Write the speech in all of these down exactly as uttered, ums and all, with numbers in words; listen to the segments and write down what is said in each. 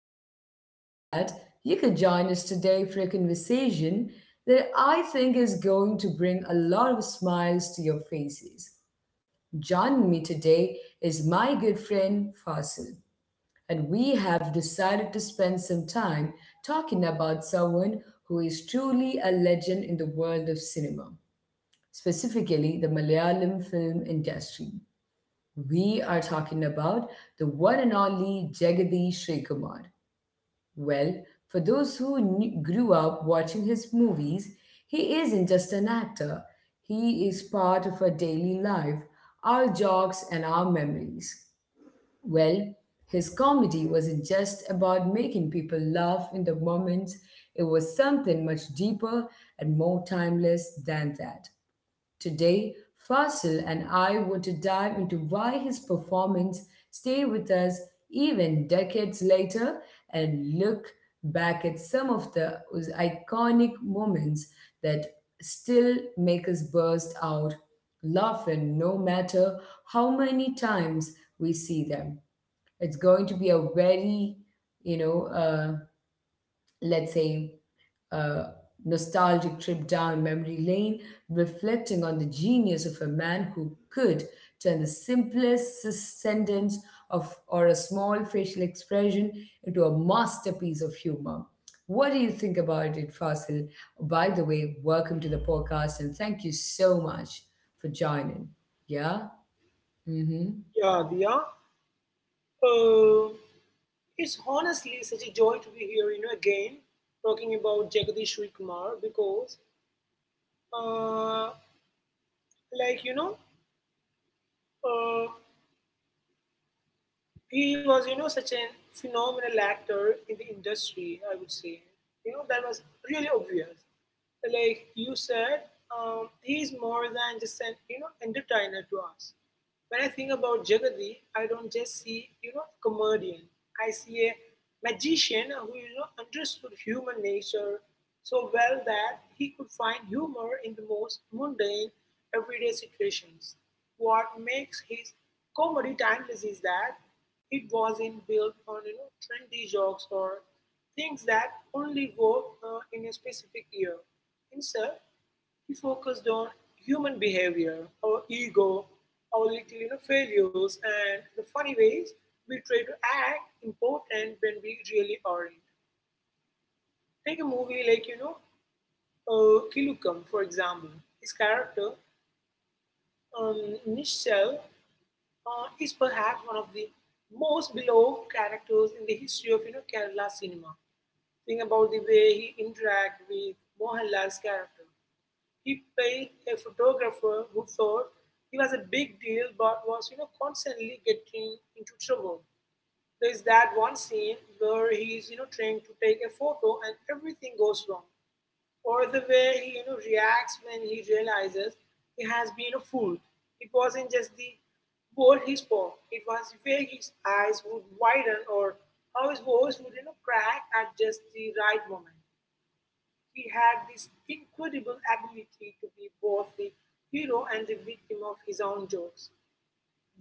Well, I'm so glad you could join us today for a conversation that I think is going to bring a lot of smiles to your faces. Joining me today is my good friend Fasil, and we have decided to spend some time talking about someone who is truly a legend in the world of cinema, specifically the Malayalam film industry. We are talking about the one and only Jagadish Srikumar. Well, for those who knew, grew up watching his movies, he isn't just an actor. He is part of our daily life, our jokes, and our memories. Well, his comedy wasn't just about making people laugh in the moment, it was something much deeper and more timeless than that. Today, Fasil and I want to dive into why his performance stay with us even decades later and look back at some of the iconic moments that still make us burst out laughing no matter how many times we see them. It's going to be a very, you know, uh, let's say a nostalgic trip down memory lane, reflecting on the genius of a man who could turn the simplest s- sentence of or a small facial expression into a masterpiece of humor. What do you think about it, Fasil? By the way, welcome to the podcast and thank you so much for joining. Yeah? Mm-hmm. Yeah, Dia. Uh, it's honestly such a joy to be here, you know, again, talking about Jagadish Sri Kumar because, uh, like, you know, uh, he was, you know, such a phenomenal actor in the industry, I would say. You know, that was really obvious. Like you said, um, he's more than just an, you know, entertainer to us. When I think about Jagadi, I don't just see, you know, a comedian. I see a magician who, you know, understood human nature so well that he could find humor in the most mundane, everyday situations. What makes his comedy timeless is that it wasn't built on, you know, trendy jokes or things that only work uh, in a specific year. Instead, he focused on human behavior, our ego, our little you know, failures, and the funny ways we try to act important when we really aren't. Take a movie like, you know, uh, Kilukam, for example. His character, um, Nishal, uh, is perhaps one of the most beloved characters in the history of, you know, Kerala cinema. Think about the way he interact with Mohanlal's character. He paid a photographer who thought he was a big deal but was, you know, constantly getting into trouble. There is that one scene where he is, you know, trying to take a photo and everything goes wrong. Or the way he, you know, reacts when he realizes he has been a fool. It wasn't just the ball he spoke. It was the way his eyes would widen or how his voice would, you know, crack at just the right moment. He had this incredible ability to be both the hero and the victim of his own jokes.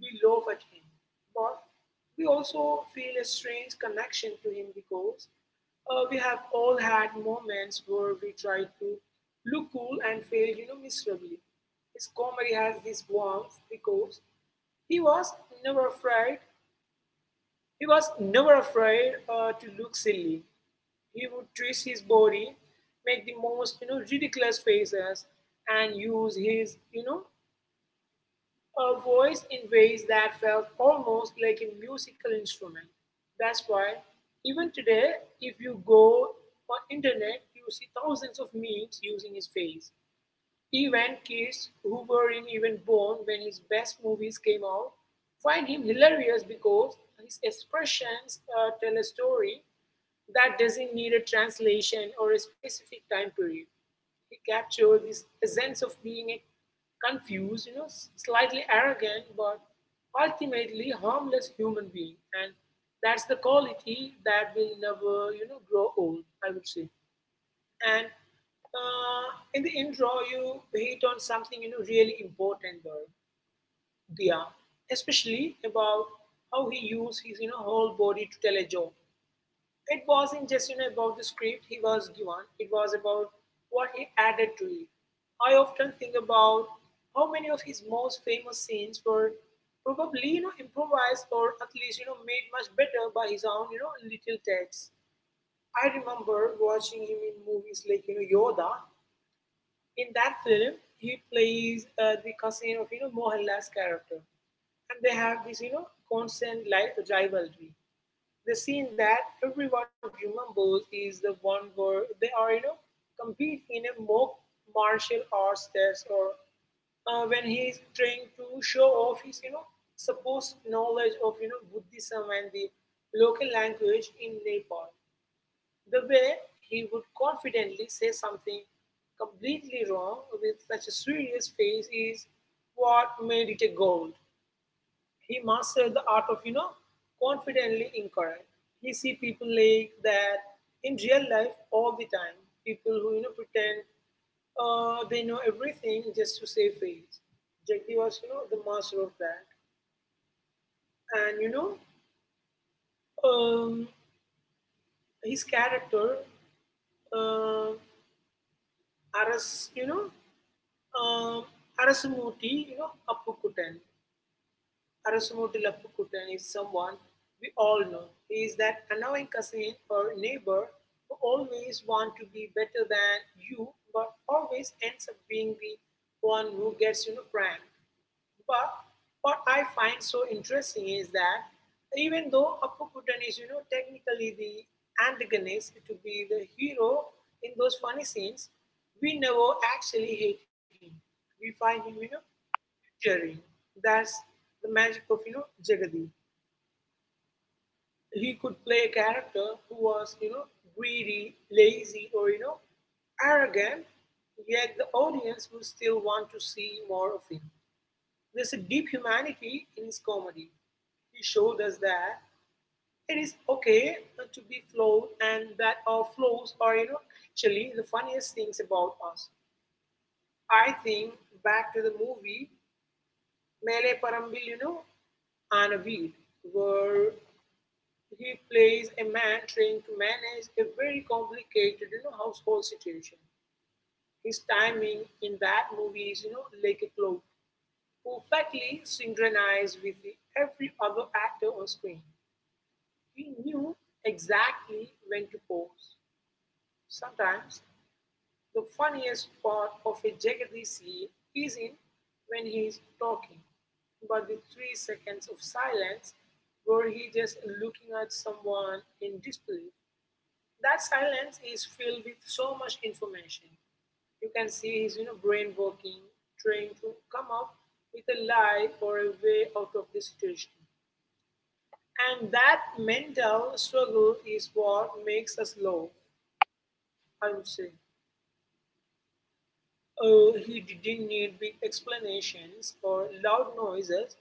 We laugh at him, but we also feel a strange connection to him because uh, we have all had moments where we try to look cool and fail, you know, miserably. His comedy has this warmth because he was never afraid. He was never afraid uh, to look silly. He would twist his body, make the most, you know, ridiculous faces, and use his, you know a voice in ways that felt almost like a musical instrument. That's why even today, if you go on internet, you see thousands of memes using his face. Even kids who weren't even born when his best movies came out find him hilarious because his expressions uh, tell a story that doesn't need a translation or a specific time period. He captured this sense of being a confused, you know, slightly arrogant, but ultimately harmless human being. And that's the quality that will never, you know, grow old, I would say, and uh, in the intro you hit on something, you know, really important though, Dia, especially about how he used his, you know, whole body to tell a joke. It wasn't just, you know, about the script he was given; it was about what he added to it. I often think about how many of his most famous scenes were probably, you know, improvised or at least, you know, made much better by his own, you know, little text. I remember watching him in movies like, you know, Yoda. In that film, he plays uh, the cousin of, you know, Mohanlal's character, and they have this, you know, constant, like, rivalry. The scene that everyone remembers is the one where they are, you know, competing in a mock martial arts test, or uh, when he is trying to show off his, you know, supposed knowledge of, you know, Buddhism and the local language in Nepal. The way he would confidently say something completely wrong with such a serious face is what made it a gold. He mastered the art of, you know, confidently incorrect. You see people like that in real life all the time. People who, you know, pretend uh, they know everything just to save face. Jackie was, you know, the master of that. And, you know, um, his character, uh, Aras, you know, Um, Arasumuti, you know, Appukutan. Arasumutil Appukutan is someone we all know. He is that annoying cousin or neighbor who always wants to be better than you, but always ends up being the one who gets, you know, pranked. But what I find so interesting is that even though Appukutan is, you know, technically the antagonist to be the hero in those funny scenes, we never actually hate him. We find him, you know, Jerry. That's the magic of, you know, Jagadi. He could play a character who was, you know, greedy, lazy, or, you know, arrogant, yet the audience will still want to see more of him. There's a deep humanity in his comedy. He showed us that it is okay uh, to be flawed and that our flaws are, you know, actually the funniest things about us. I think back to the movie Mele Perumbilinu, you know, Weed, where he plays a man trying to manage a very complicated, you know, household situation. His timing in that movie is, you know, like a clock, perfectly synchronized with the- every other actor on screen. He knew exactly when to pause. Sometimes the funniest part of a Jagadish scene is in when he is talking, but the three seconds of silence where he just looking at someone in disbelief. That silence is filled with so much information. You can see his, you know, brain working, trying to come up with a lie or a way out of the situation. And that mental struggle is what makes us low, I would say. Uh, he didn't need big explanations or loud noises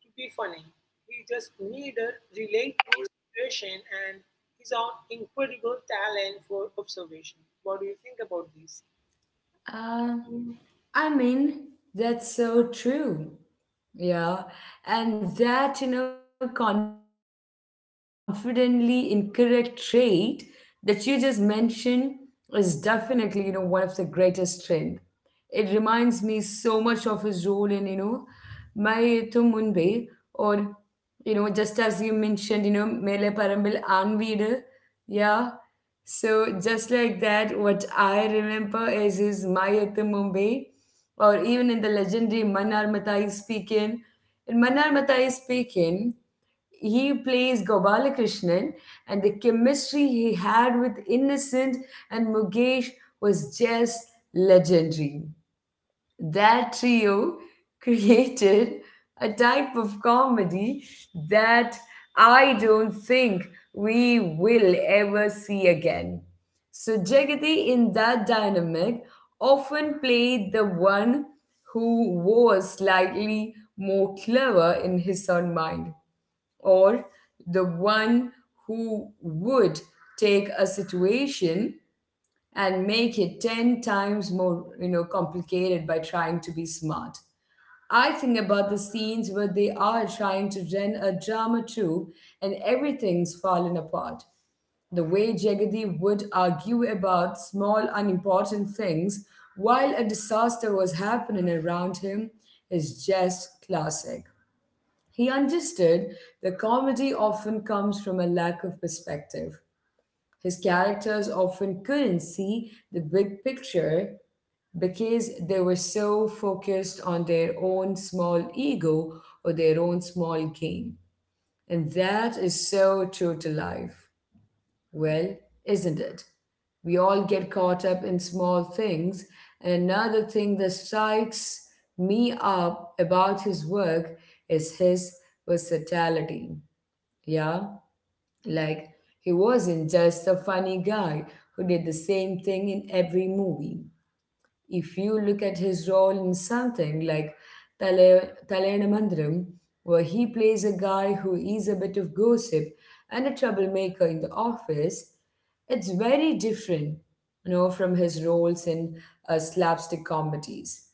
to be funny. He just needed relate to a situation and his own incredible talent for observation. What do you think about this? Uh, I mean, that's so true. Yeah, and that, you know, confidently incorrect trait that you just mentioned is definitely, you know, one of the greatest strength. It reminds me so much of his role in, you know, Mai Tum Munbe, or, you know, just as you mentioned, you know, Mele Parambil Anveedu. Yeah. So just like that, what I remember is his Mayat Mumbai, or even in the legendary Manar Matai speaking. In Manar Matai speaking, he plays Gopalakrishnan, and the chemistry he had with Innocent and Mukesh was just legendary. That trio created a type of comedy that I don't think we will ever see again. So, Jagati in that dynamic often played the one who was slightly more clever in his own mind, or the one who would take a situation and make it ten times more, you know, complicated by trying to be smart. I think about the scenes where they are trying to run a drama troupe and everything's fallen apart. The way Jagadi would argue about small unimportant things while a disaster was happening around him is just classic. He understood the comedy often comes from a lack of perspective. His characters often couldn't see the big picture because they were so focused on their own small ego or their own small gain. And that is so true to life. Well, isn't it? We all get caught up in small things. And another thing that strikes me up about his work is his versatility. Yeah, like, he wasn't just a funny guy who did the same thing in every movie. If you look at his role in something like Tale Mandram, where he plays a guy who is a bit of gossip and a troublemaker in the office, it's very different, you know, from his roles in uh, slapstick comedies.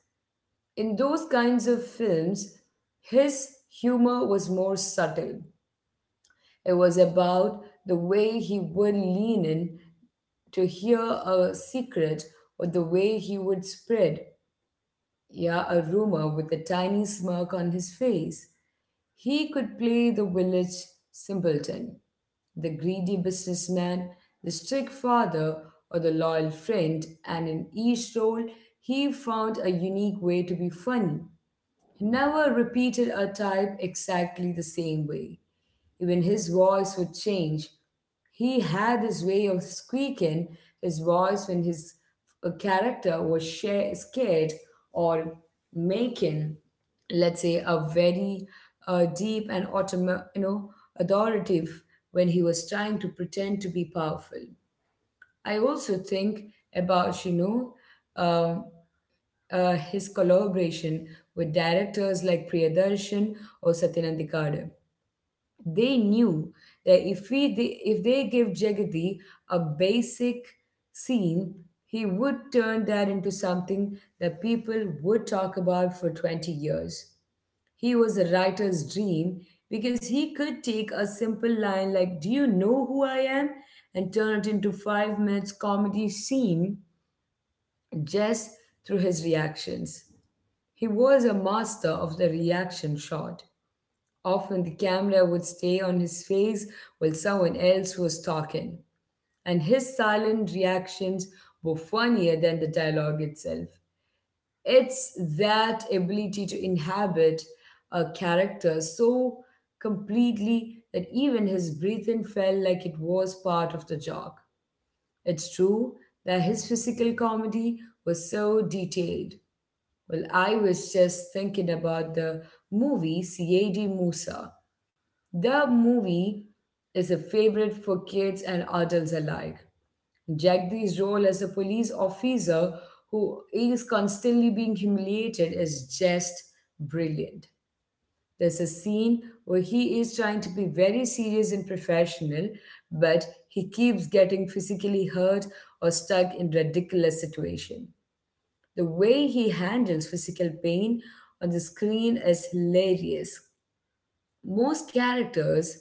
In those kinds of films, his humor was more subtle. It was about the way he would lean in to hear a secret, or the way he would spread, yeah, a rumor with a tiny smirk on his face. He could play the village simpleton, the greedy businessman, the strict father, or the loyal friend, and in each role he found a unique way to be funny. He never repeated a type exactly the same way. Even his voice would change. He had this way of squeaking his voice when his uh, character was sha- scared, or making, let's say, a very uh, deep and autom- you know authoritative when he was trying to pretend to be powerful. I also think about you know um, uh, his collaboration with directors like Priyadarshan or Satyanandikade. They knew that if we they, if they gave Jagadi a basic scene, he would turn that into something that people would talk about for twenty years. He was a writer's dream because he could take a simple line like, "Do you know who I am?" and turn it into five minutes comedy scene just through his reactions. He was a master of the reaction shot. Often the camera would stay on his face while someone else was talking, and his silent reactions were funnier than the dialogue itself. It's that ability to inhabit a character so completely that even his breathing felt like it was part of the joke. It's true that his physical comedy was so detailed. Well, I was just thinking about the movie C A D. Musa. The movie is a favorite for kids and adults alike. Jagdi's role as a police officer who is constantly being humiliated is just brilliant. There's a scene where he is trying to be very serious and professional, but he keeps getting physically hurt or stuck in ridiculous situation. The way he handles physical pain on the screen is hilarious. Most characters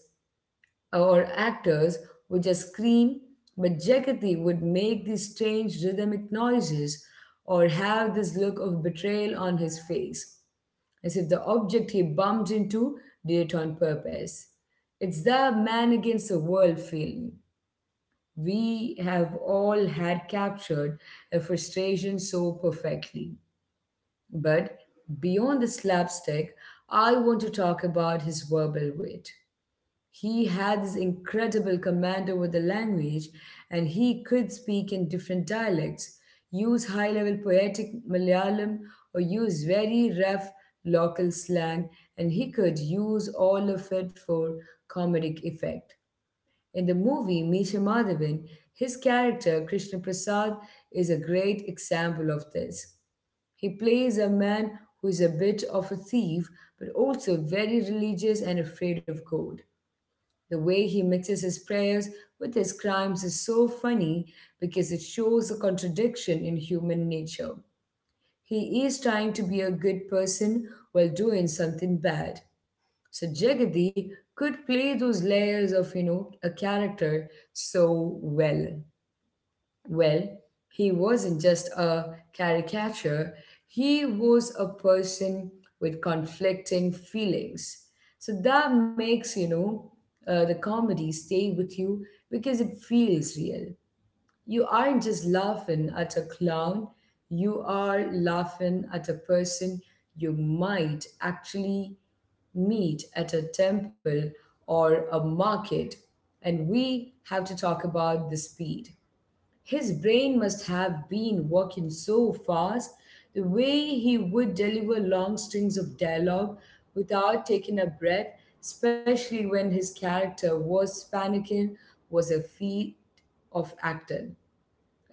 or actors would just scream, but Jagati would make these strange rhythmic noises or have this look of betrayal on his face, as if the object he bumped into did it on purpose. It's the man against the world feeling. We have all had captured a frustration so perfectly. But beyond the slapstick, I want to talk about his verbal weight. He had this incredible command over the language, and he could speak in different dialects, use high level poetic Malayalam, or use very rough local slang, and he could use all of it for comedic effect. In the movie Misha Madhavan, his character Krishna Prasad is a great example of this. He plays a man who is a bit of a thief but also very religious and afraid of God. The way he mixes his prayers with his crimes is so funny because it shows a contradiction in human nature. He is trying to be a good person while doing something bad. So Jagadi could play those layers of, you know, a character so well. Well, he wasn't just a caricature, he was a person with conflicting feelings. So that makes, you know, uh, the comedy stay with you because it feels real. You aren't just laughing at a clown, you are laughing at a person you might actually meet at a temple or a market. And we have to talk about the speed. His brain must have been working so fast, the way he would deliver long strings of dialogue without taking a breath, especially when his character was panicking, was a feat of acting.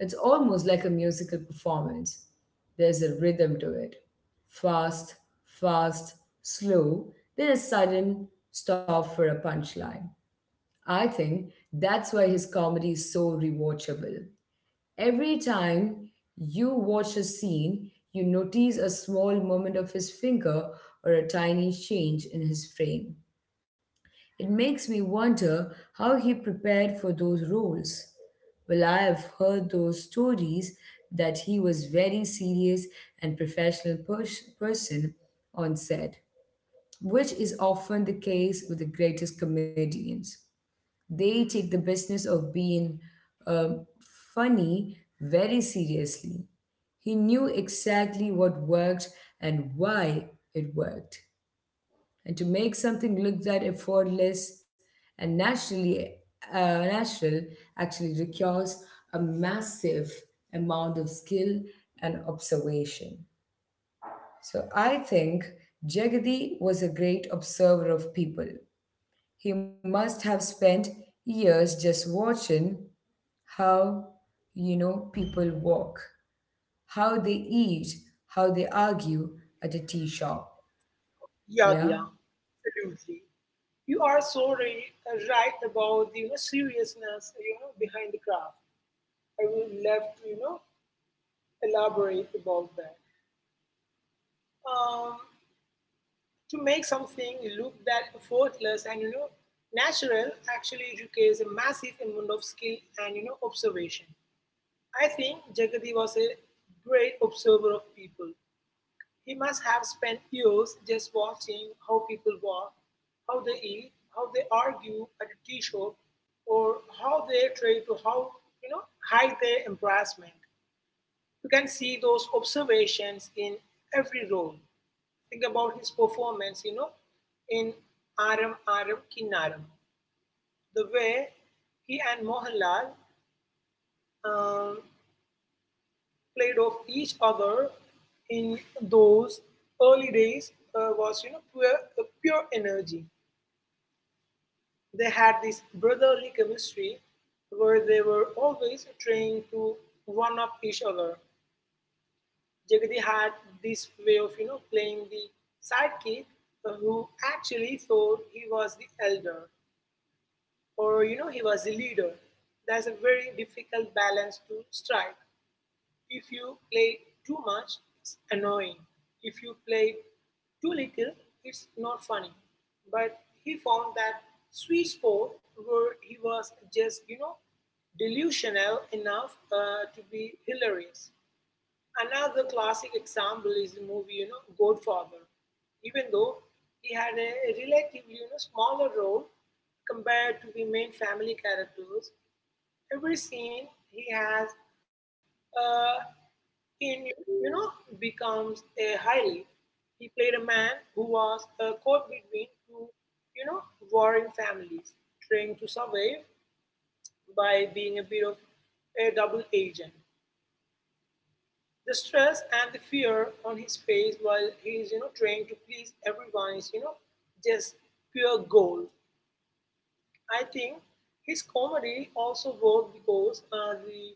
It's almost like a musical performance. There's a rhythm to it: fast, fast, slow, then a sudden stop for a punchline. I think that's why his comedy is so rewatchable. Every time you watch a scene, you notice a small movement of his finger or a tiny change in his frame. It makes me wonder how he prepared for those roles. Well, I have heard those stories that he was very serious and professional pers- person on set, which is often the case with the greatest comedians. They take the business of being um, funny very seriously. He knew exactly what worked and why it worked. And to make something look that effortless and naturally uh, natural actually requires a massive amount of skill and observation. So I think Jagadi was a great observer of people. He must have spent years just watching how, you know, people walk, how they eat, how they argue at a tea shop. Yeah, yeah, Yeah. absolutely. You are so right, uh, right about the, you know, seriousness, you know, behind the craft. I would love to, you know, elaborate about that. Um, to make something look that effortless and, you know, natural actually requires a massive amount of skill and, you know, observation. I think Jagadi was a great observer of people. He must have spent years just watching how people walk, how they eat, how they argue at a tea shop, or how they try to how, you know, hide their embarrassment. You can see those observations in every role. Think about his performance, you know, in Aram Aram Kinnaram, the way he and Mohanlal, um, played off each other in those early days uh, was, you know, pure, uh, pure energy. They had this brotherly chemistry where they were always trying to one up each other. Jagadi had this way of, you know, playing the sidekick uh, who actually thought he was the elder or, you know, he was a leader. That's a very difficult balance to strike. If you play too much, it's annoying. If you play too little, it's not funny. But he found that sweet spot where he was just, you know, delusional enough uh, to be hilarious. Another classic example is the movie, you know, Godfather. Even though he had a relatively, you know, smaller role compared to the main family characters, every scene he has uh, in, you know, becomes a highlight. He played a man who was uh, caught between two, you know, warring families, trying to survive by being a bit of a double agent. The stress and the fear on his face while he is, you know, trying to please everyone is, you know, just pure gold. I think his comedy also worked because uh, the,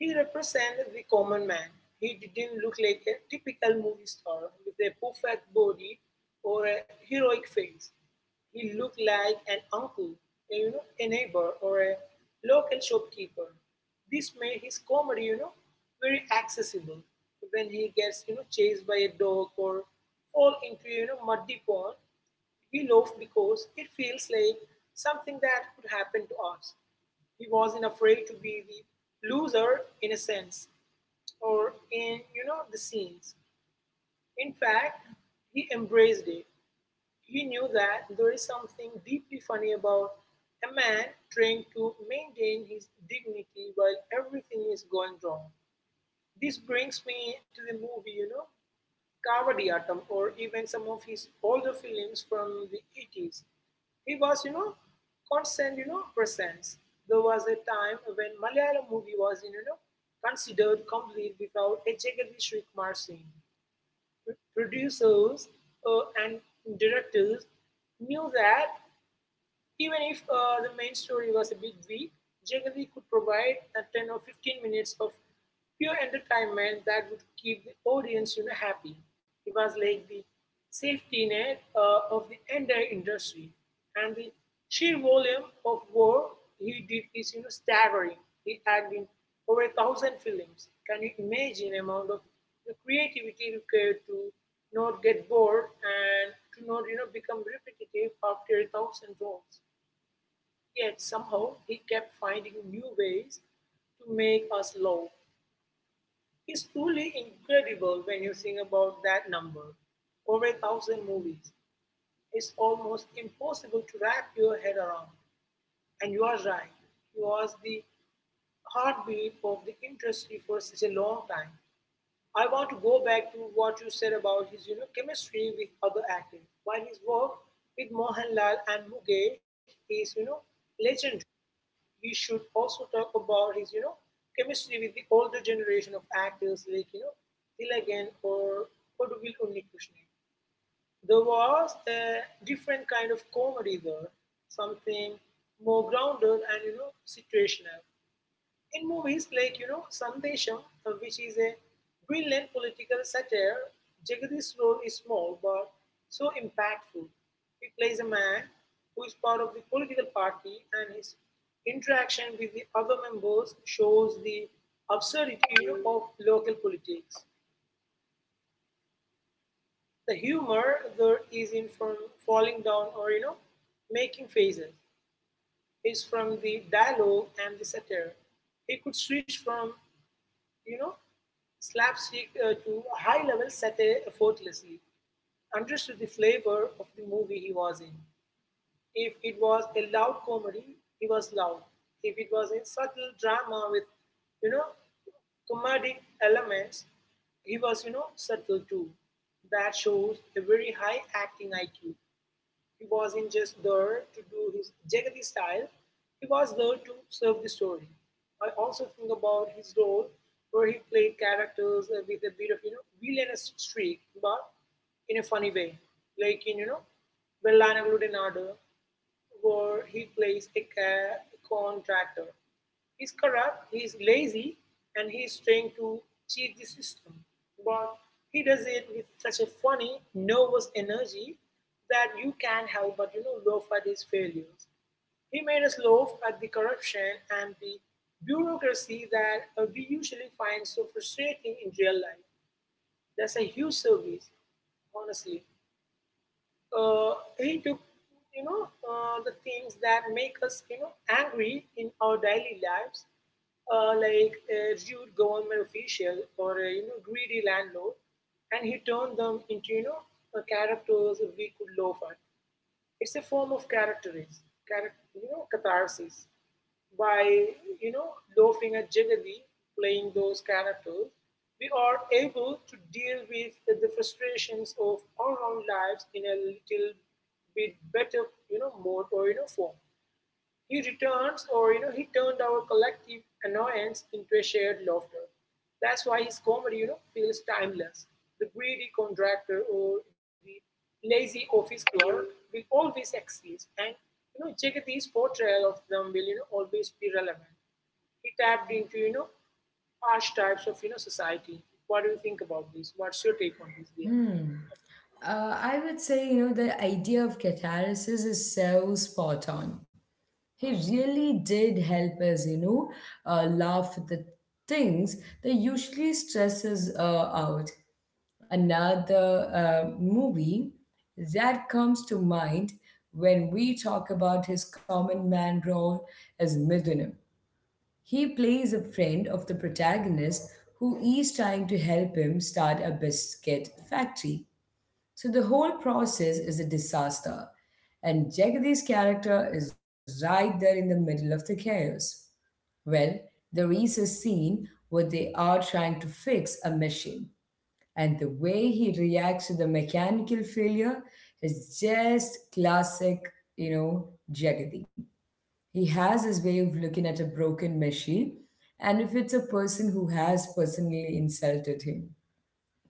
he represented the common man. He didn't look like a typical movie star with a perfect body or a heroic face. He looked like an uncle, a, you know, a neighbor, or a local shopkeeper. This made his comedy, you know, very accessible. When he gets, you know, chased by a dog or fall into, you know, muddy pond, he laughed because it feels like something that could happen to us. He wasn't afraid to be the loser in a sense, or in, you know, the scenes. In fact, he embraced it. He knew that there is something deeply funny about a man trying to maintain his dignity while everything is going wrong. This brings me to the movie, you know, Kavadiyatam or even some of his older films from the eighties. He was, you know, constant, you know, presence. There was a time when Malayalam movie was, you know, considered complete without a Jagadish Shrikkumar Singh. Producers uh, and directors knew that even if uh, the main story was a bit weak, Jagadi could provide a ten or fifteen minutes of pure entertainment that would keep the audience, you know, happy. He was like the safety net uh, of the entire industry. And the sheer volume of work he did is, you know, staggering. He had in over a thousand films. Can you imagine the amount of the creativity required to not get bored and to not you know, become repetitive after a thousand roles? Yet somehow he kept finding new ways to make us laugh. It's truly incredible when you think about that number, over a thousand movies. It's almost impossible to wrap your head around. And you are right, he was the heartbeat of the industry for such a long time. I want to go back to what you said about his you know, chemistry with other actors. While his work with Mohanlal and Mukesh is, you know, legendary, we should also talk about his, you know, chemistry with the older generation of actors, like, you know, Tilagan or Koduvil Unnikrishnan. There was a different kind of comedy there, something more grounded and, you know, situational. In movies like, you know, Sandesham, uh, which is a brilliant political satire, Jagadi's role is small but so impactful. He plays a man who is part of the political party, and his interaction with the other members shows the absurdity of local politics. The humor there is in from falling down or, you know, making faces, is from the dialogue and the satire. He could switch from, you know, slapstick uh, to high level set effortlessly, understood the flavor of the movie he was in. If it was a loud comedy, he was loud. If it was a subtle drama with, you know, comedic elements, he was, you know, subtle too. That shows a very high acting I Q. He wasn't just there to do his Jagati style, he was there to serve the story. I also think about his role where he played characters uh, with a bit of, you know, villainous streak, but in a funny way. Like in, you know, വെള്ളാനകളുടെ നാട്, where he plays a ca- contractor. He's corrupt, he's lazy, and he's trying to cheat the system. But he does it with such a funny, nervous energy that you can't help but, you know laugh at his failures. He made us laugh at the corruption and the bureaucracy that uh, we usually find so frustrating in real life. That's a huge service, honestly. Uh, he took, you know uh, the things that make us, you know angry in our daily lives, uh, like a rude government official or a, you know greedy landlord, and he turned them into, you know uh, characters we could laugh at. It's a form of characteris, charac- you know, catharsis. By you know, laughing at Jagadi playing those characters, we are able to deal with the frustrations of our own lives in a little bit better, you know, mode or you know form. He returns, or you know, he turned our collective annoyance into a shared laughter. That's why his comedy, you know, feels timeless. The greedy contractor or the lazy office clerk will always exist, and, you know, Jagathi's portrayal of them will, you know, always be relevant. He tapped into, you know, archetypes of, you know, society. What do you think about this? What's your take on this, Via? Uh, I would say, you know, the idea of catalysis is so spot on. He really did help us, you know, uh, laugh at the things that usually stress us uh, out. Another uh, movie that comes to mind when we talk about his common man role is Midunam. He plays a friend of the protagonist who is trying to help him start a biscuit factory. So the whole process is a disaster. And Jagadi's character is right there in the middle of the chaos. Well, there is a scene where they are trying to fix a machine, and the way he reacts to the mechanical failure is just classic, you know, Jagadi. He has his way of looking at a broken machine, and if it's a person who has personally insulted him,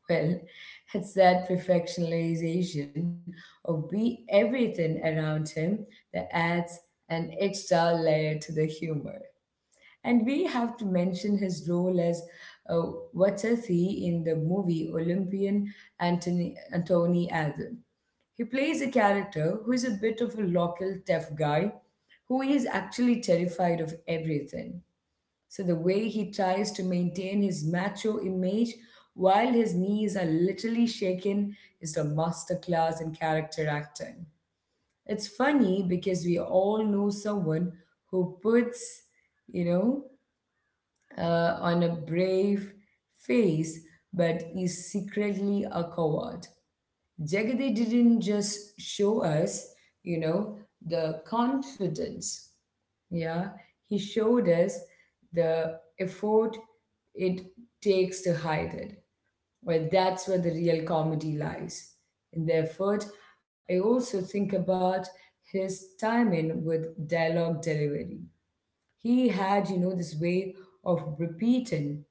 well, it's that perfectionization of be everything around him that adds an extra layer to the humor. And we have to mention his role as uh, Watathi in the movie Olympian Anthony, Anthony Alden. He plays a character who is a bit of a local tough guy who is actually terrified of everything. So the way he tries to maintain his macho image while his knees are literally shaken is a masterclass in character acting. It's funny because we all know someone who puts, you know, uh, on a brave face but is secretly a coward. Jagade didn't just show us, you know, the confidence. Yeah, he showed us the effort it takes to hide it. Well, that's where the real comedy lies. In the effort, I also think about his timing with dialogue delivery. He had, you know, this way of repeating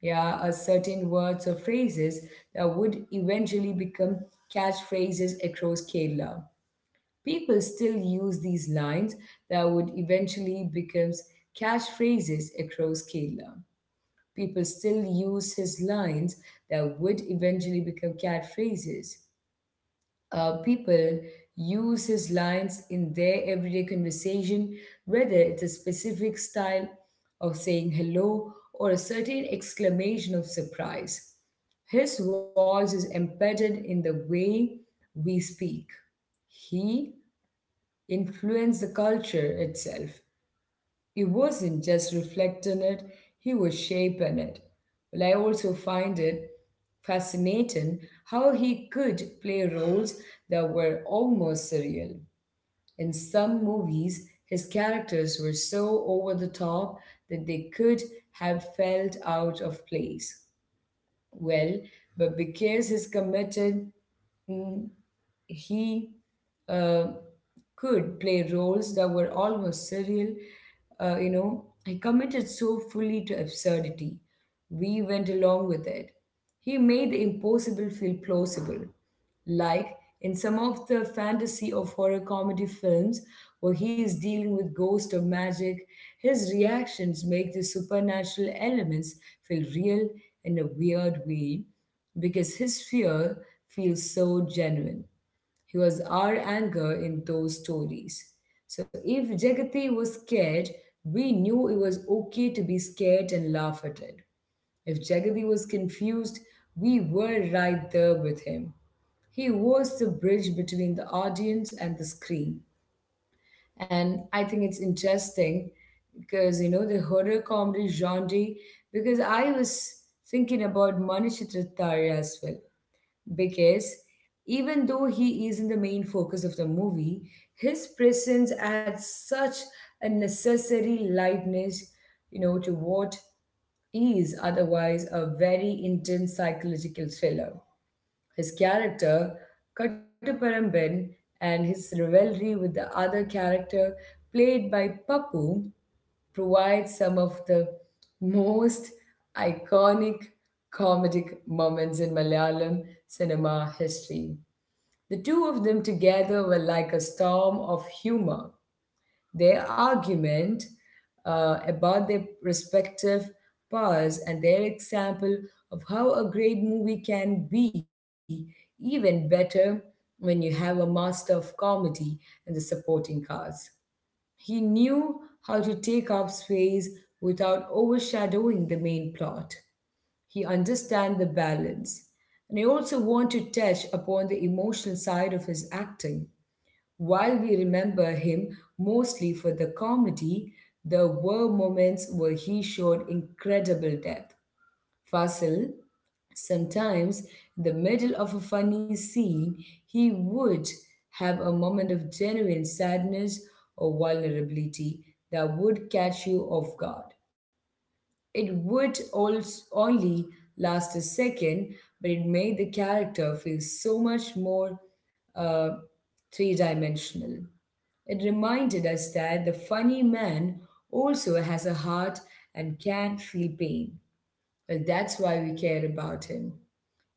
yeah, or certain words or phrases that would eventually become catchphrases across Kerala. People still use these lines that would eventually become catchphrases across Kerala. People still use his lines that would eventually become catchphrases uh, people use his lines in their everyday conversation, whether it's a specific style of saying hello or a certain exclamation of surprise. His voice is embedded in the way we speak. He influenced the culture itself. He wasn't just reflecting it, he was shaping it. Well, I also find it fascinating how he could play roles that were almost surreal. In some movies, his characters were so over the top that they could have felt out of place. Well, but because he's committed, he uh, could play roles that were almost surreal. Uh, you know, he committed so fully to absurdity. We went along with it. He made the impossible feel plausible. Like in some of the fantasy of horror comedy films where he is dealing with ghosts or magic, his reactions make the supernatural elements feel real in a weird way because his fear feels so genuine. He was our anchor in those stories. So if Jagati was scared, we knew it was okay to be scared and laugh at it. If Jagati was confused, we were right there with him. He was the bridge between the audience and the screen. And I think it's interesting because you know the horror comedy genre because I was thinking about Manish Trittaria as well because even though he isn't the main focus of the movie, his presence adds such a necessary lightness, you know, to what is otherwise a very intense psychological thriller. His character, Kataparam and his rivalry with the other character played by Papu provides some of the most iconic comedic moments in Malayalam cinema history. The two of them together were like a storm of humor. Their argument uh, about their respective powers and their example of how a great movie can be even better when you have a master of comedy and the supporting cast. He knew how to take up space without overshadowing the main plot. He understands the balance. And I also want to touch upon the emotional side of his acting. While we remember him mostly for the comedy, there were moments where he showed incredible depth. Fasil sometimes, in the middle of a funny scene, he would have a moment of genuine sadness or vulnerability that would catch you off guard. It would also only last a second, but it made the character feel so much more uh, three dimensional. It reminded us that the funny man also has a heart and can feel pain. Well, that's why we care about him.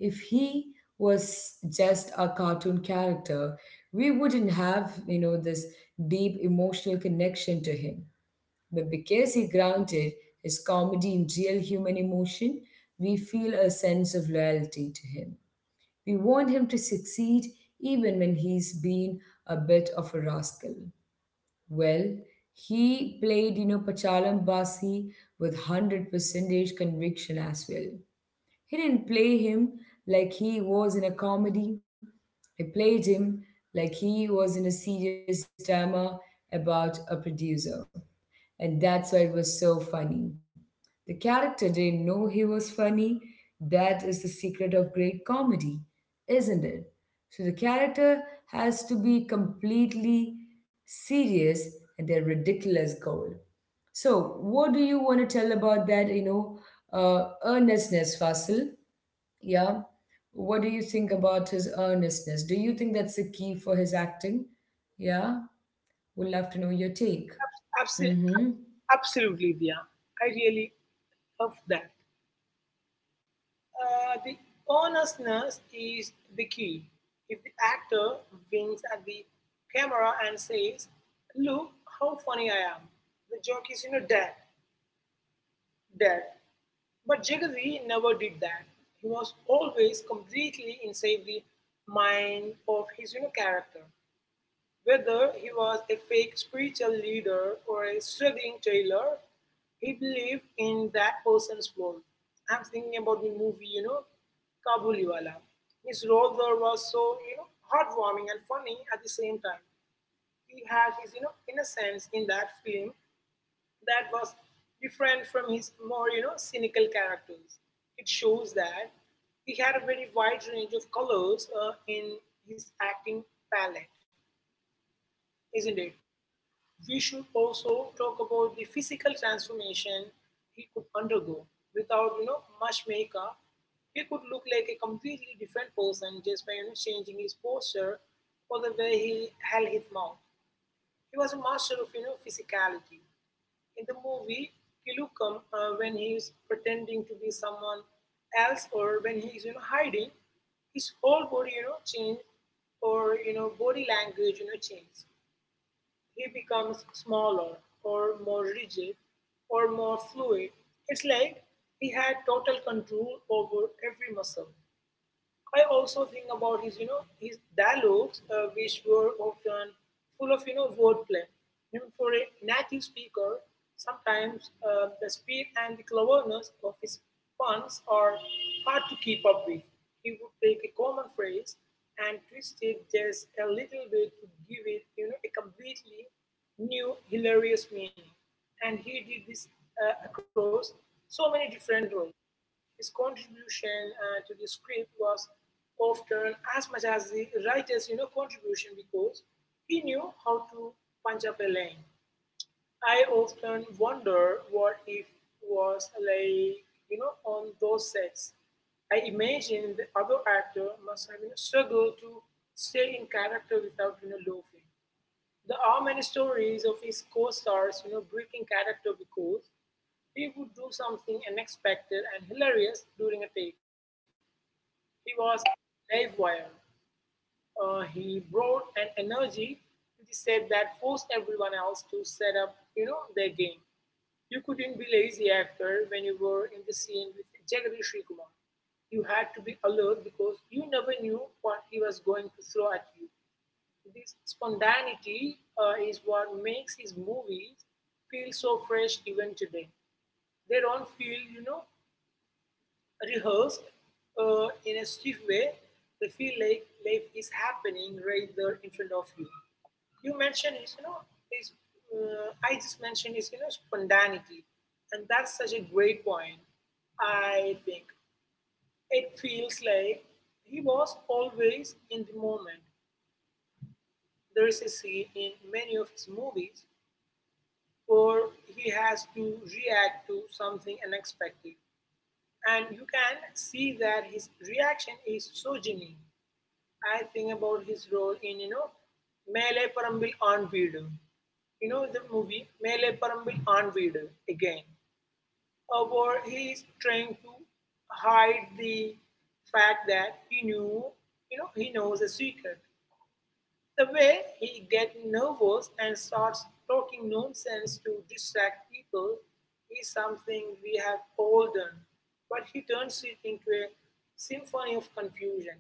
If he was just a cartoon character, we wouldn't have, you know, this deep emotional connection to him. But because he grounded his comedy in real human emotion, we feel a sense of loyalty to him. We want him to succeed even when he's been a bit of a rascal. Well, he played, you know, Pachalam Basi with one hundred percent conviction as well. He didn't play him like he was in a comedy. He played him like he was in a serious drama about a producer. And that's why it was so funny. The character didn't know he was funny. That is the secret of great comedy, isn't it? So the character has to be completely serious and their ridiculous goal. So, what do you want to tell about that, you know, uh, earnestness, Fasil? Yeah. What do you think about his earnestness? Do you think that's the key for his acting? Yeah. Would love to know your take. Absolutely, Mm-hmm. absolutely, Via. I really love that. Uh, the earnestness is the key. If the actor winks at the camera and says, "Look how funny I am," the joke is, you know, dead, dead. But Jagadi never did that. He was always completely inside the mind of his, you know, character. Whether he was a fake spiritual leader or a struggling tailor, he believed in that person's world. I'm thinking about the movie, you know, Kabuliwala. His role there was so, you know, heartwarming and funny at the same time. He had his, you know, innocence in that film that was different from his more, you know, cynical characters. It shows that he had a very wide range of colors uh, in his acting palette, isn't it? We should also talk about the physical transformation he could undergo. Without, you know much makeup, he could look like a completely different person just by, you know changing his posture or the way he held his mouth. He was a master of, you know physicality. In the movie Kilukam, uh, when he is pretending to be someone else or when he is, you know hiding, his whole body, you know change or, you know body language, you know change, he becomes smaller, or more rigid, or more fluid. It's like he had total control over every muscle. I also think about his, you know, his dialogues, uh, which were often full of, you know, wordplay. You know, for a native speaker, sometimes uh, the speed and the cleverness of his puns are hard to keep up with. He would take a common phrase and twist it just a little bit to give it, you know, a completely new, hilarious meaning. And he did this uh, across so many different roles. His contribution uh, to the script was often as much as the writer's, you know, contribution, because he knew how to punch up a line. I often wonder what if was like, you know, on those sets. I imagine the other actor must have, you know, struggled to stay in character without, you know, loafing. There are many stories of his co-stars, you know, breaking character because he would do something unexpected and hilarious during a take. He was livewire. Uh, he brought an energy to the set that forced everyone else to set up, you know, their game. You couldn't be lazy actor when you were in the scene with Jagadish Srikumar. You had to be alert because you never knew what he was going to throw at you. This spontaneity uh, is what makes his movies feel so fresh even today. They don't feel, you know, rehearsed uh, in a stiff way, they feel like life is happening right there in front of you. You mentioned is you know is uh, I just mentioned is, you know spontaneity, and that's such a great point. I think it feels like he was always in the moment. There is a scene in many of his movies where he has to react to something unexpected, and you can see that his reaction is so genuine. I think about his role in, you know, Mele Parambil on Veedu. You know the movie Mele Parambil on Veedu again, uh, where he is trying to hide the fact that he knew, you know, he knows a secret. The way he gets nervous and starts talking nonsense to distract people is something we have all done, but he turns it into a symphony of confusion.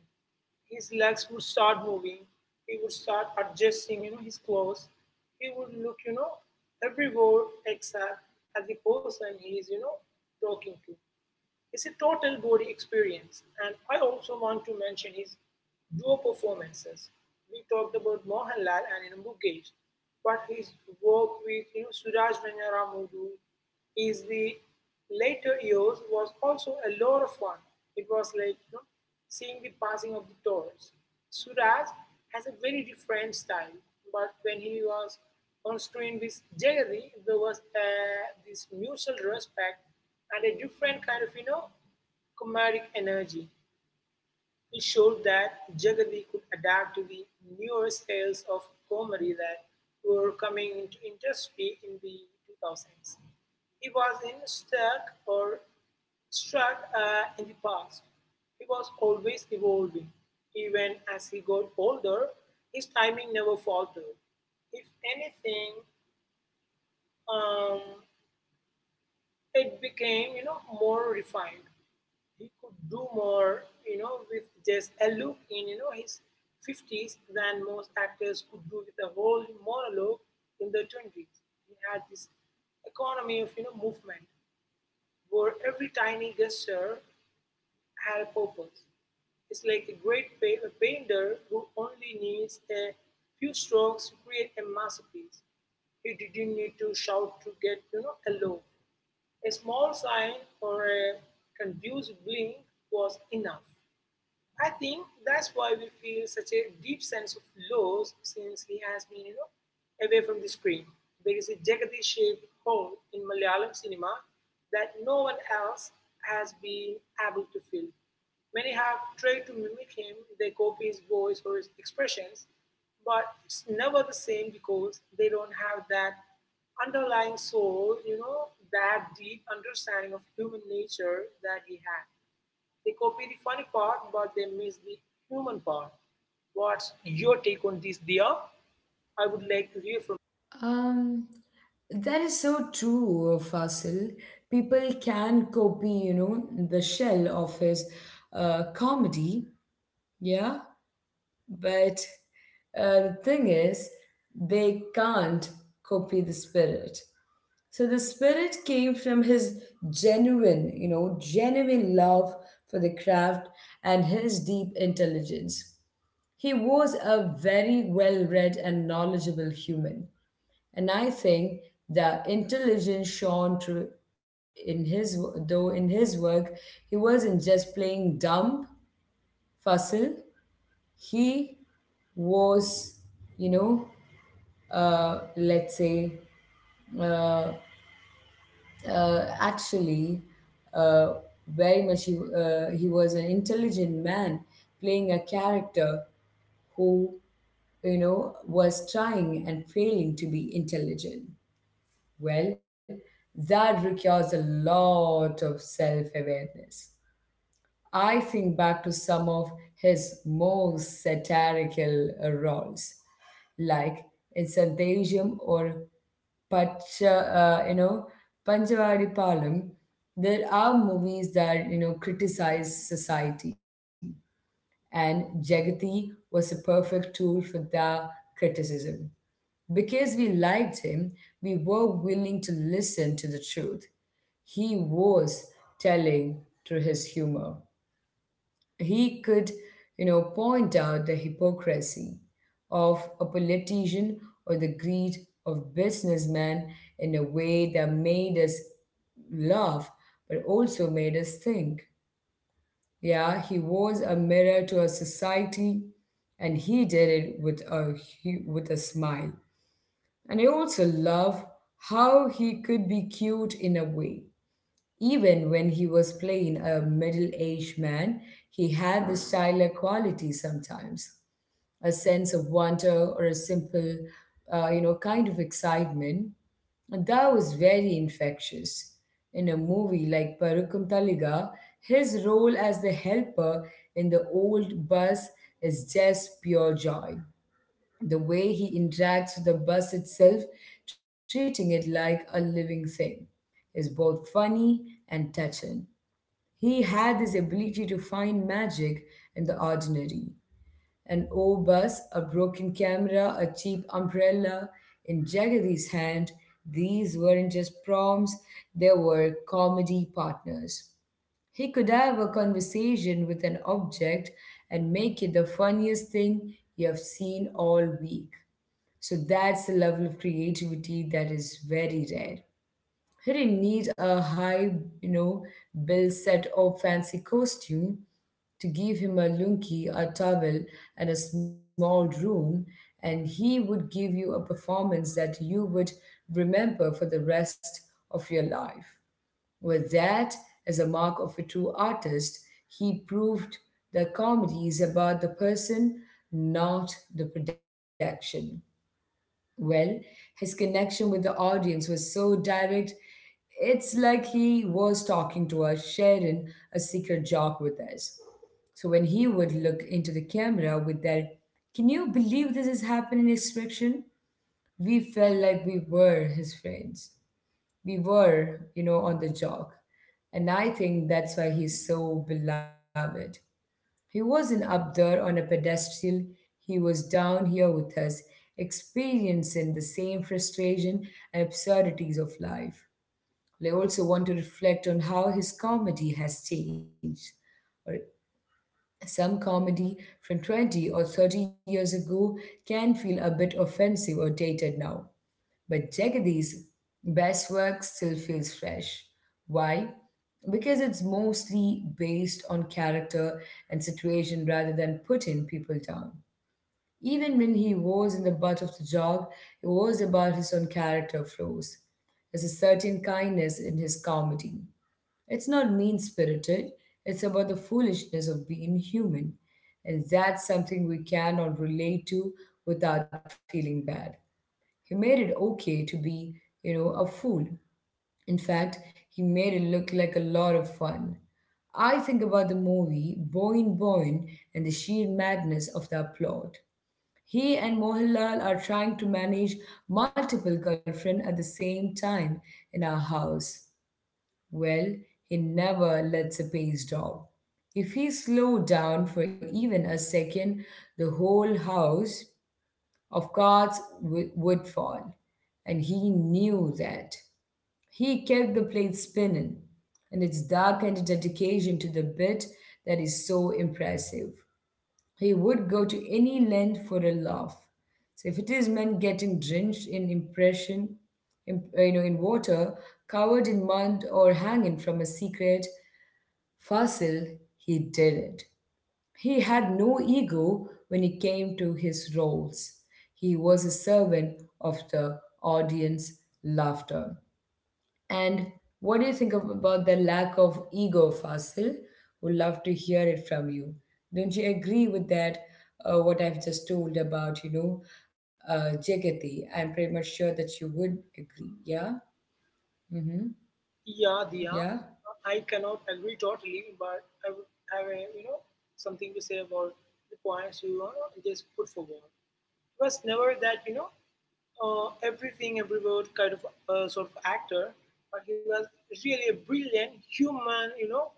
His legs would start moving, he would start adjusting, you know, his clothes. He would look, you know, everywhere except at the person he is, you know, talking to. It's a total body experience. And I also want to mention his duo performances. We talked about Mohanlal and, you know, Mukesh, but his work with, you know, Suraj Manyara Moodoo is the later years was also a lot of fun. It was like, you know, seeing the passing of the torch. Suraj has a very different style, but when he was on screen with Jerry, there was uh, this mutual respect and a different kind of, you know, comedic energy. It showed that Jagadi could adapt to the newer styles of comedy that were coming into industry in the two thousands. He was in stuck or struck uh, in the past. He was always evolving. Even as he got older, his timing never faltered. If anything, um, it became, you know more refined. He could do more, you know with just a look in, you know his fifties than most actors could do with a whole monologue in their twenties. He had this economy of, you know movement where every tiny gesture had a purpose. It's like a great pa- a painter who only needs a few strokes to create a masterpiece. He didn't need to shout to get, you know a loaf. A small sign or a confused blink was enough. I think that's why we feel such a deep sense of loss since he has been, you know, away from the screen. There is a Jagadish shaped hole in Malayalam cinema that no one else has been able to fill. Many have tried to mimic him, they copy his voice or his expressions, but it's never the same because they don't have that underlying soul, you know, that deep understanding of human nature that he had. They copy the funny part, but they miss the human part. What's your take on this, Dia? I would like to hear from Um, that is so true, Fasil. People can copy, you know, the shell of his uh, comedy. Yeah. But uh, the thing is, they can't copy the spirit. So the spirit came from his genuine, you know, genuine love for the craft and his deep intelligence. He was a very well read and knowledgeable human. And I think the intelligence shone through in his though in his work he wasn't just playing dumb fossil he was you know uh, let's say, uh, Uh, actually, uh, very much he, uh, he was an intelligent man playing a character who, you know, was trying and failing to be intelligent. Well, that requires a lot of self awareness. I think back to some of his most satirical uh, roles, like in Santasium or Pach, uh, you know, Panchavari Palam, there are movies that, you know, criticize society. And Jagati was a perfect tool for that criticism. Because we liked him, we were willing to listen to the truth he was telling through his humor he could, you know, point out the hypocrisy of a politician or the greed of businessmen in a way that made us laugh, but also made us think. Yeah, he was a mirror to our society, and he did it with a hu- with a smile. And I also love how he could be cute in a way even when he was playing a middle aged man, he had this childlike quality sometimes a sense of wonder or a simple, uh, you know, kind of excitement. And that was very infectious. In a movie like Parukum Taliga, his role as the helper in the old bus is just pure joy the way he interacts with the bus itself, treating it like a living thing, is both funny and touching. He had this ability to find magic in the ordinary. An old bus, a broken camera, a cheap umbrella. In Jagadi's hand, these weren't just prompts, they were comedy partners. He could have a conversation with an object and make it the funniest thing you have seen all week. So that's the level of creativity that is very rare. He didn't need a high, you know, bill set or fancy costume to give him a lunky, a towel, and a small room, and he would give you a performance that you would remember for the rest of your life. Well, that is a mark of a true artist. He proved that comedy is about the person, not the production. Well, his connection with the audience was so direct, it's like he was talking to us, sharing a secret joke with us. So when he would look into the camera with that, can you believe this is happening expression? We felt like we were his friends. We were, you know, on the joke. And I think that's why he's so beloved. He wasn't up there on a pedestal, he was down here with us, experiencing the same frustration and absurdities of life. I also want to reflect on how his comedy has changed. Or some comedy from twenty or thirty years ago can feel a bit offensive or dated now. But Jagadi's best work still feels fresh. Why? Because it's mostly based on character and situation rather than putting people down. Even when he was in the butt of the job, it was about his own character flaws. There's a certain kindness in his comedy. It's not mean spirited, it's about the foolishness of being human. And that's something we can all relate to without feeling bad. He made it okay to be, you know, a fool. In fact, he made it look like a lot of fun. I think about the movie Boin Boin and the sheer madness of that plot. He and Mohanlal are trying to manage multiple girlfriends at the same time in our house. Well, he never lets a pace down. If he slowed down for even a second, the whole house of cards w- would fall. And he knew that. He kept the plate spinning, and its darkened dedication to the bit that is so impressive. He would go to any length for a laugh. So if it is men getting drenched in impression, in, uh, you know, in water, covered in mud, or hanging from a secret fossil, he did it. He had no ego when it came to his roles. He was a servant of the audience laughter. And what do you think of, about the lack of ego, Fasil? Would love to hear it from you. Don't you agree with that? Uh, what I've just told about, you know, uh, Jagati. I'm pretty much sure that you would agree. Yeah. Mm-hmm. you. Yeah, Dia. Yeah. I cannot agree totally, but I would have a, you know something to say about the points, you know, just put forward. It was never that, you know uh, everything, every word kind of uh, sort of actor, but he was really a brilliant human, you know,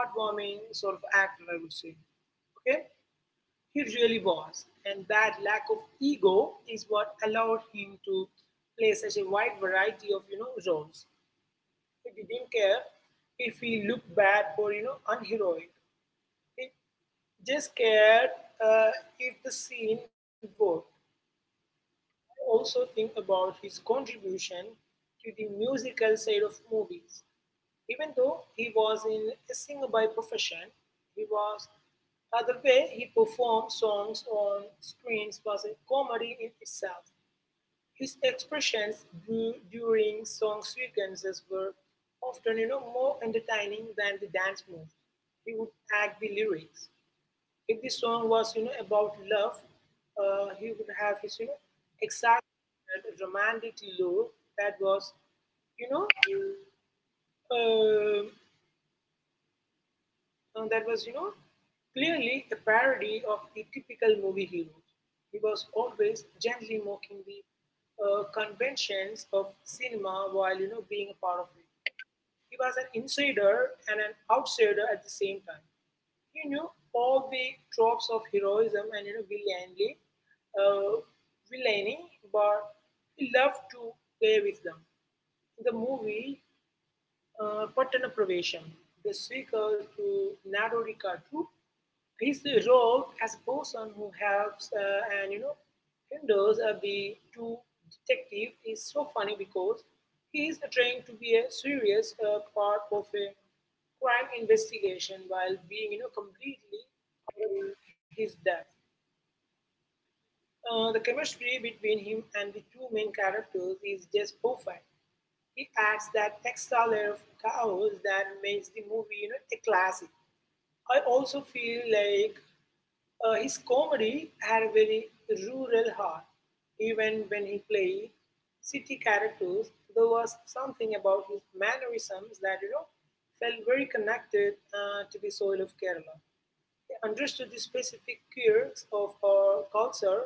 heartwarming sort of actor, I would say. Okay, he really was, and that lack of ego is what allowed him to play such a wide variety of you know roles. He didn't care if he looked bad or you know unheroic. He just cared uh, if the scene worked. I also think about his contribution to the musical side of movies. Even though he was in a singer by profession, he was, uh, the way he performed songs on screens was a comedy in itself. His expressions du- during song sequences were often, you know, more entertaining than the dance moves. He would act the lyrics. If the song was, you know, about love, uh, he would have his, you know, exaggerated romantic lure that was, you know, uh, and that was, you know, clearly a parody of the typical movie hero. He was always gently mocking the uh, conventions of cinema while, you know, being a part of it. He was an insider and an outsider at the same time. He knew all the tropes of heroism and, you know, villainy, uh, villainy, but he loved to play with them. In the movie, uh, Pattana Pravesham, the seeker to Nadorikattu, is robbed as a person who helps uh, and you know hinders uh, the two detective is so funny because he is trying to be a serious uh, part of a crime investigation while being you know completely in his depth. Uh, the chemistry between him and the two main characters is just perfect. It adds that extra layer of chaos that makes the movie, you know, a classic. I also feel like uh, his comedy had a very rural heart. Even when he played city characters, there was something about his mannerisms that you know felt very connected uh, to the soil of Kerala understood the specific quirks of our culture,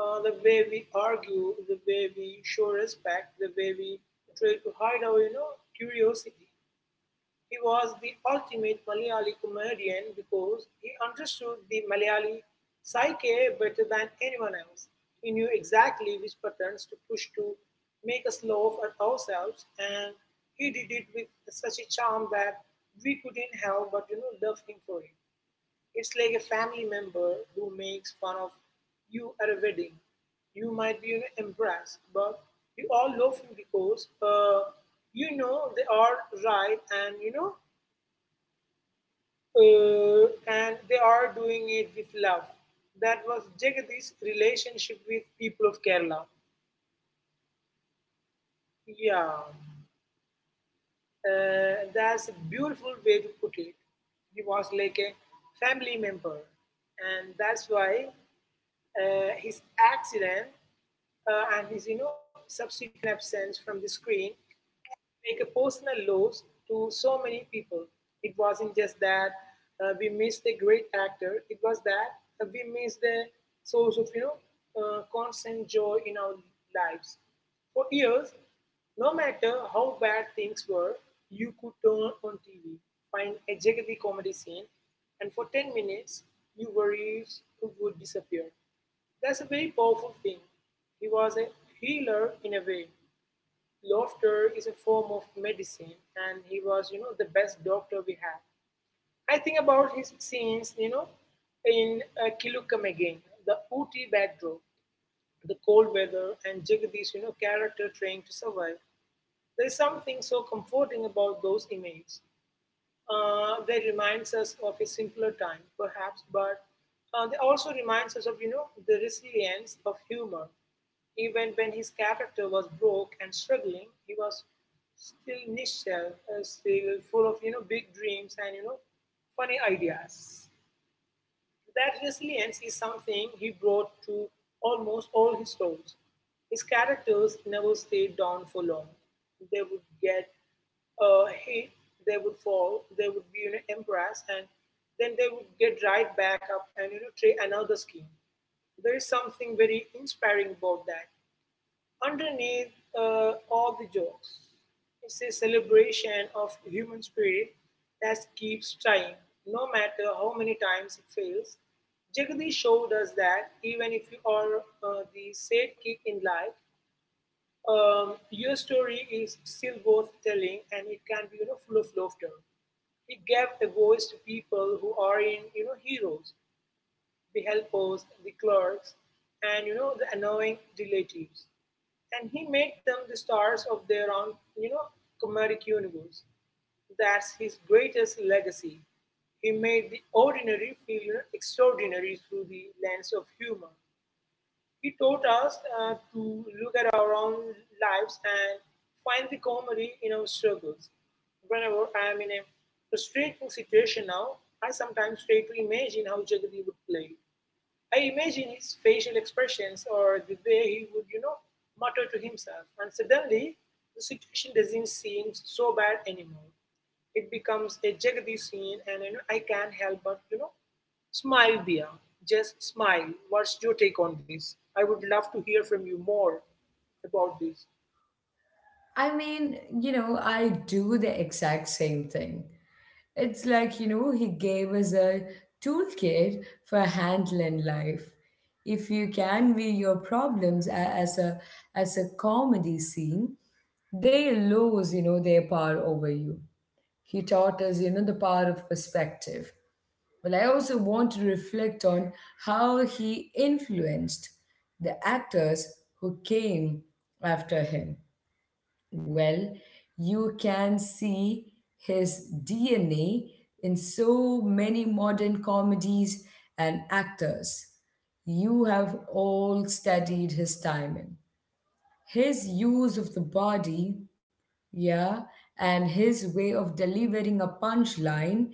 uh, the way we argue, the way we show respect, the way we try to hide our, you know, curiosity. He was the ultimate Malayali comedian because he understood the Malayali psyche better than anyone else. He knew exactly which buttons to push to make us laugh at ourselves, and he did it with such a charm that we couldn't help but you know love him for it. It's like a family member who makes fun of you at a wedding. You might be, you know, embarrassed, but you all love him because uh, you know they are right and you know uh, and they are doing it with love. That was Jagadish's relationship with people of Kerala. Yeah, uh, that's a beautiful way to put it. He was like a family member, and that's why uh, his accident uh, and his you know subsequent absence from the screen, make a personal loss to so many people. It wasn't just that uh, we missed a great actor; it was that uh, we missed the source of you know uh, constant joy in our lives. For years, no matter how bad things were, you could turn on T V, find a Jagadi comedy scene, and for ten minutes, your worries would disappear. That's a very powerful thing. He was a healer in a way. Laughter is a form of medicine, and he was you know the best doctor we had. I think about his scenes you know in uh, Kilukam again. The Ooty backdrop, the cold weather, and Jagadish you know character trying to survive. There's something so comforting about those images. Uh, they reminds us of a simpler time, perhaps, but uh, they also reminds us of you know the resilience of humor. Even when his character was broke and struggling, he was still niche, uh, still full of you know big dreams and you know funny ideas. That resilience is something he brought to almost all his roles. His characters never stayed down for long. They would get uh, hit, they would fall, they would be, you know, embarrassed, and then they would get right back up and you know try another scheme. There is something very inspiring about that. Underneath uh, all the jokes, it's a celebration of human spirit that keeps trying, no matter how many times it fails. Jagadish showed us that even if you are uh, the sad kid in life, um, your story is still worth telling and it can be, you know, full of laughter. He gave a voice to people who are in you know heroes the helpers, the clerks, and you know the annoying relatives. And he made them the stars of their own, you know, comedic universe. That's his greatest legacy. He made the ordinary feel extraordinary through the lens of humor. He taught us uh, to look at our own lives and find the comedy in our struggles. Whenever I am in a stressful situation now, I sometimes try to imagine how Jagadi would play. I imagine his facial expressions or the way he would, you know, mutter to himself. And suddenly, the situation doesn't seem so bad anymore. It becomes a Jagadish scene, and you know, I can't help but, you know, smile, Dia. Just smile. What's your take on this? I would love to hear from you more about this. I mean, you know, I do the exact same thing. It's like, you know, he gave us a toolkit for handling life. If you can view your problems a- as a as a comedy scene, they lose, you know, their power over you. He taught us, you know, the power of perspective. Well, I also want to reflect on how he influenced the actors who came after him. Well, you can see his D N A in so many modern comedies and actors. You have all studied his timing, his use of the body, yeah, and his way of delivering a punchline.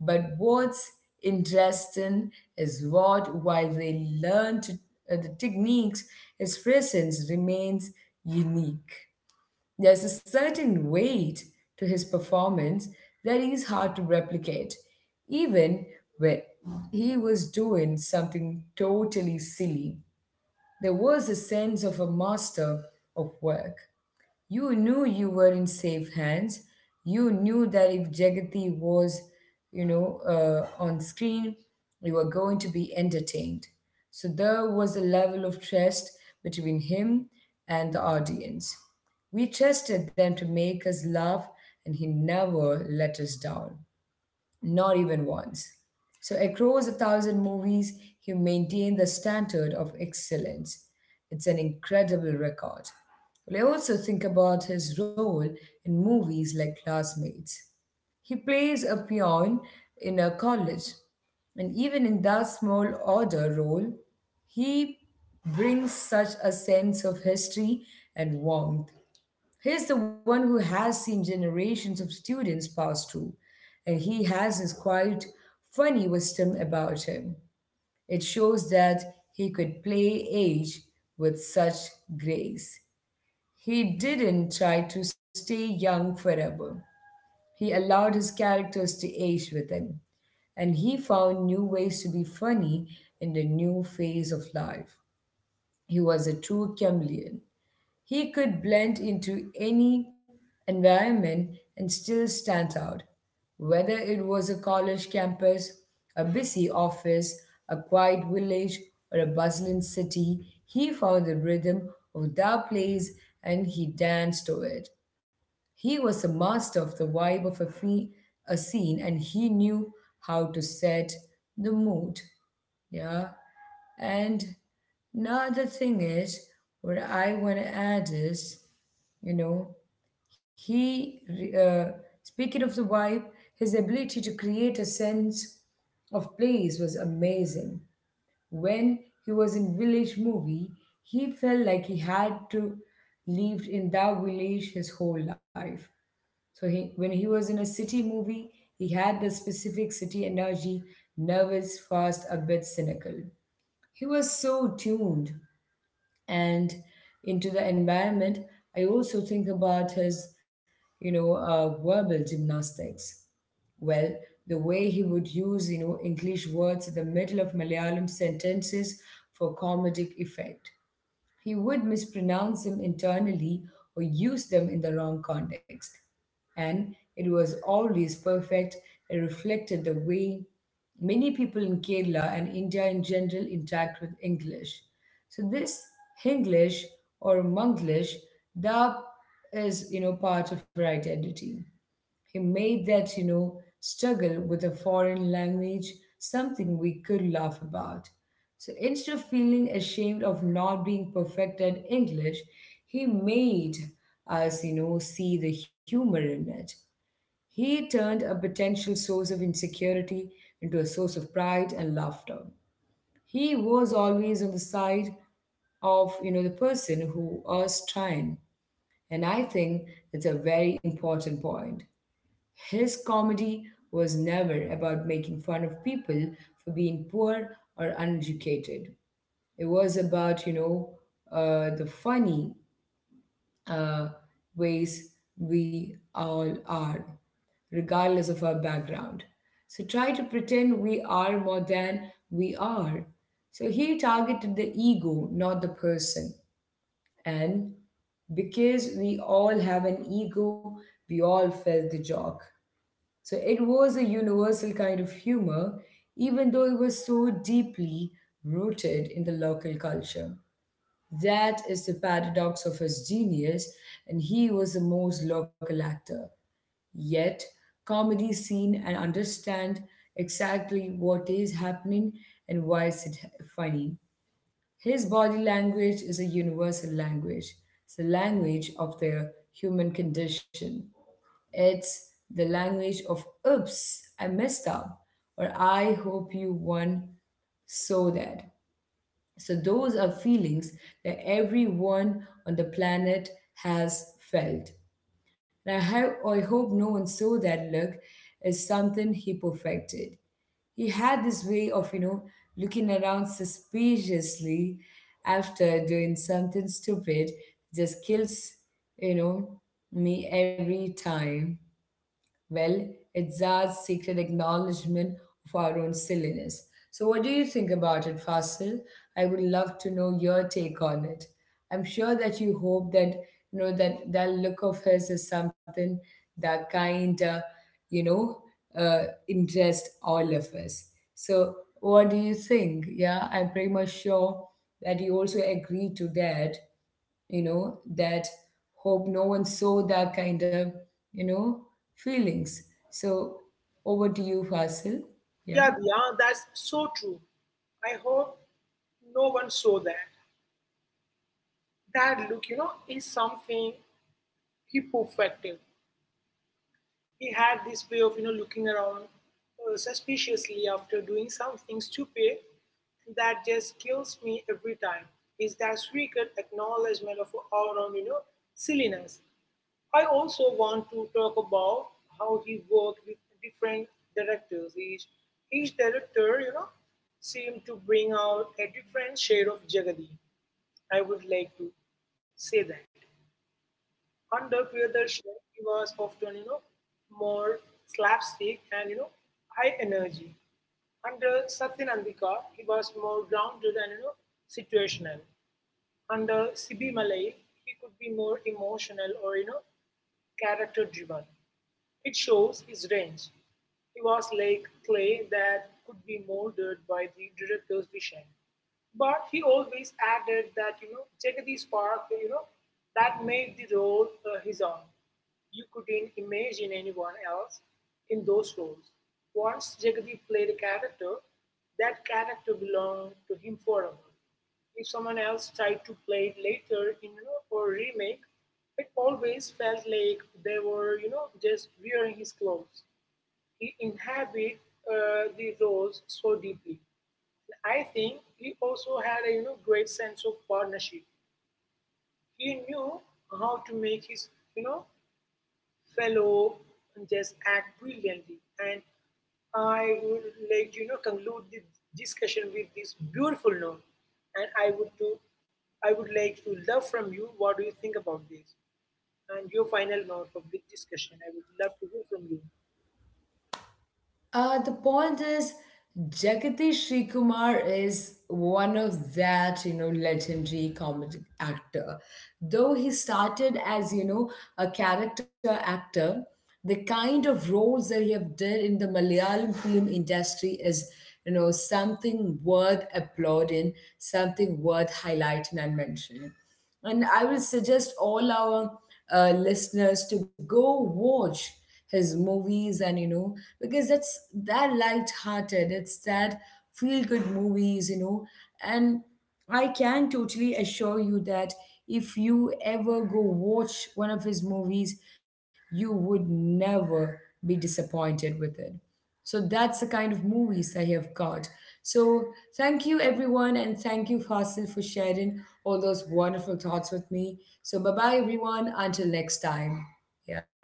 But what's interesting is what, while they learn to, uh, the techniques, his presence remains unique. There's a certain weight to his performance that is hard to replicate, even when he was doing something totally silly. There was a sense of a master of work. You knew you were in safe hands. You knew that if Jagati was, you know, uh, on screen, you were going to be entertained. So there was a level of trust between him and the audience. We trusted them to make us laugh, and he never let us down. Not even once. So, across a thousand movies, he maintained the standard of excellence. It's an incredible record. I also think about his role in movies like Classmates. He plays a peon in a college, and even in that small order role, he brings such a sense of history and warmth. He's the one who has seen generations of students pass through, and he has this quite funny wisdom about him. It shows that he could play age with such grace. He didn't try to stay young forever. He allowed his characters to age with him, and he found new ways to be funny in the new phase of life. He was a true chameleon. He could blend into any environment and still stand out, whether it was a college campus, a busy office, a quiet village, or a bustling city. He found the rhythm of that place and he danced to it. He was a master of the vibe of a, fe- a scene and he knew how to set the mood. Yeah. And now the thing is, what I want to add is, you know, he, re- uh, speaking of the vibe, his ability to create a sense of place was amazing. When he was in Village Movie, he felt like he had to lived in that village his whole life. So he, when he was in a city movie, he had the specific city energy, nervous, fast, a bit cynical he was so tuned and into the environment. I also think about his you know uh, verbal gymnastics. Well, the way he would use you know english words in the middle of malayalam sentences for comedic effect, he would mispronounce them internally or use them in the wrong context. And it was always perfect. It reflected the way many people in Kerala and India in general interact with English. So this Hinglish or Monglish, that is, you know, part of our identity. He made that you know, struggle with a foreign language something we could laugh about. So instead of feeling ashamed of not being perfect at English, he made us you know, see the humor in it. He turned a potential source of insecurity into a source of pride and laughter. He was always on the side of you know, the person who was trying. And I think that's a very important point. His comedy was never about making fun of people for being poor or uneducated. It was about, you know, uh, the funny uh, ways we all are, regardless of our background. So try to pretend we are more than we are. So he targeted the ego, not the person. And because we all have an ego, we all felt the joke. So it was a universal kind of humor, even though it was so deeply rooted in the local culture. That is the paradox of his genius, and he was the most local actor. Yet, comedy seen and understand exactly what is happening and why is it funny. His body language is a universal language. It's the language of the human condition. It's the language of oops, I messed up, or I hope you won so that. So those are feelings that everyone on the planet has felt. And I, ho- I hope no one saw that look as something he perfected. He had this way of you know, looking around suspiciously after doing something stupid, just kills you know, me every time. Well, it's our secret acknowledgement of our own silliness. So, what do you think about it, Fasil? I would love to know your take on it. I'm sure that you hope that you know that that look of his is something that kind of you know uh, interest all of us. So, what do you think? Yeah, I'm pretty much sure that you also agree to that you know, that hope no one saw that kind of you know, feelings. So over to you, Fasil. Yeah, Yeah. Dia, that's so true. I hope no one saw that. That look, you know, is something he perfected. He had this way of you know looking around uh, suspiciously after doing something stupid that just kills me every time. Is that secret acknowledgement of our own you know silliness? I also want to talk about how he worked with different directors. Each each director you know seemed to bring out a different shade of Jagadi. I would like to say that. Under Priyadarshini, he was often, you know, more slapstick and, you know, high energy. Under Satyan he was more grounded and, you know, situational. Under Sibi Malai, he could be more emotional or, you know, character driven. It shows his range. He was like clay that could be molded by the director's vision. But he always added that, you know, Jagadi's spark, you know, that made the role uh, his own. You couldn't imagine anyone else in those roles. Once Jagadi played a character, that character belonged to him forever. If someone else tried to play it later in, you know, for a remake, it always felt like they were, you know, just wearing his clothes. He inhabit uh, the roles so deeply. I think he also had a you know great sense of partnership. He knew how to make his you know fellow just act brilliantly. And I would like, you know, conclude the discussion with this beautiful note. And I would to I would like to love from you what do you think about this? And your final note of this discussion. I would love to hear from you. Uh, the point is, Jagadish Srikumar is one of that you know, legendary comedic actor. Though he started as you know, a character actor, the kind of roles that he have did in the Malayalam film industry is you know, something worth applauding, something worth highlighting and mentioning. And I would suggest all our uh, listeners to go watch his movies, and you know because that's that light-hearted, it's that feel-good movies, you know and I can totally assure you that if you ever go watch one of his movies, you would never be disappointed with it. So that's the kind of movies I have got. So thank you everyone and thank you Fasil for sharing all those wonderful thoughts with me. So bye bye everyone until next time. Yeah.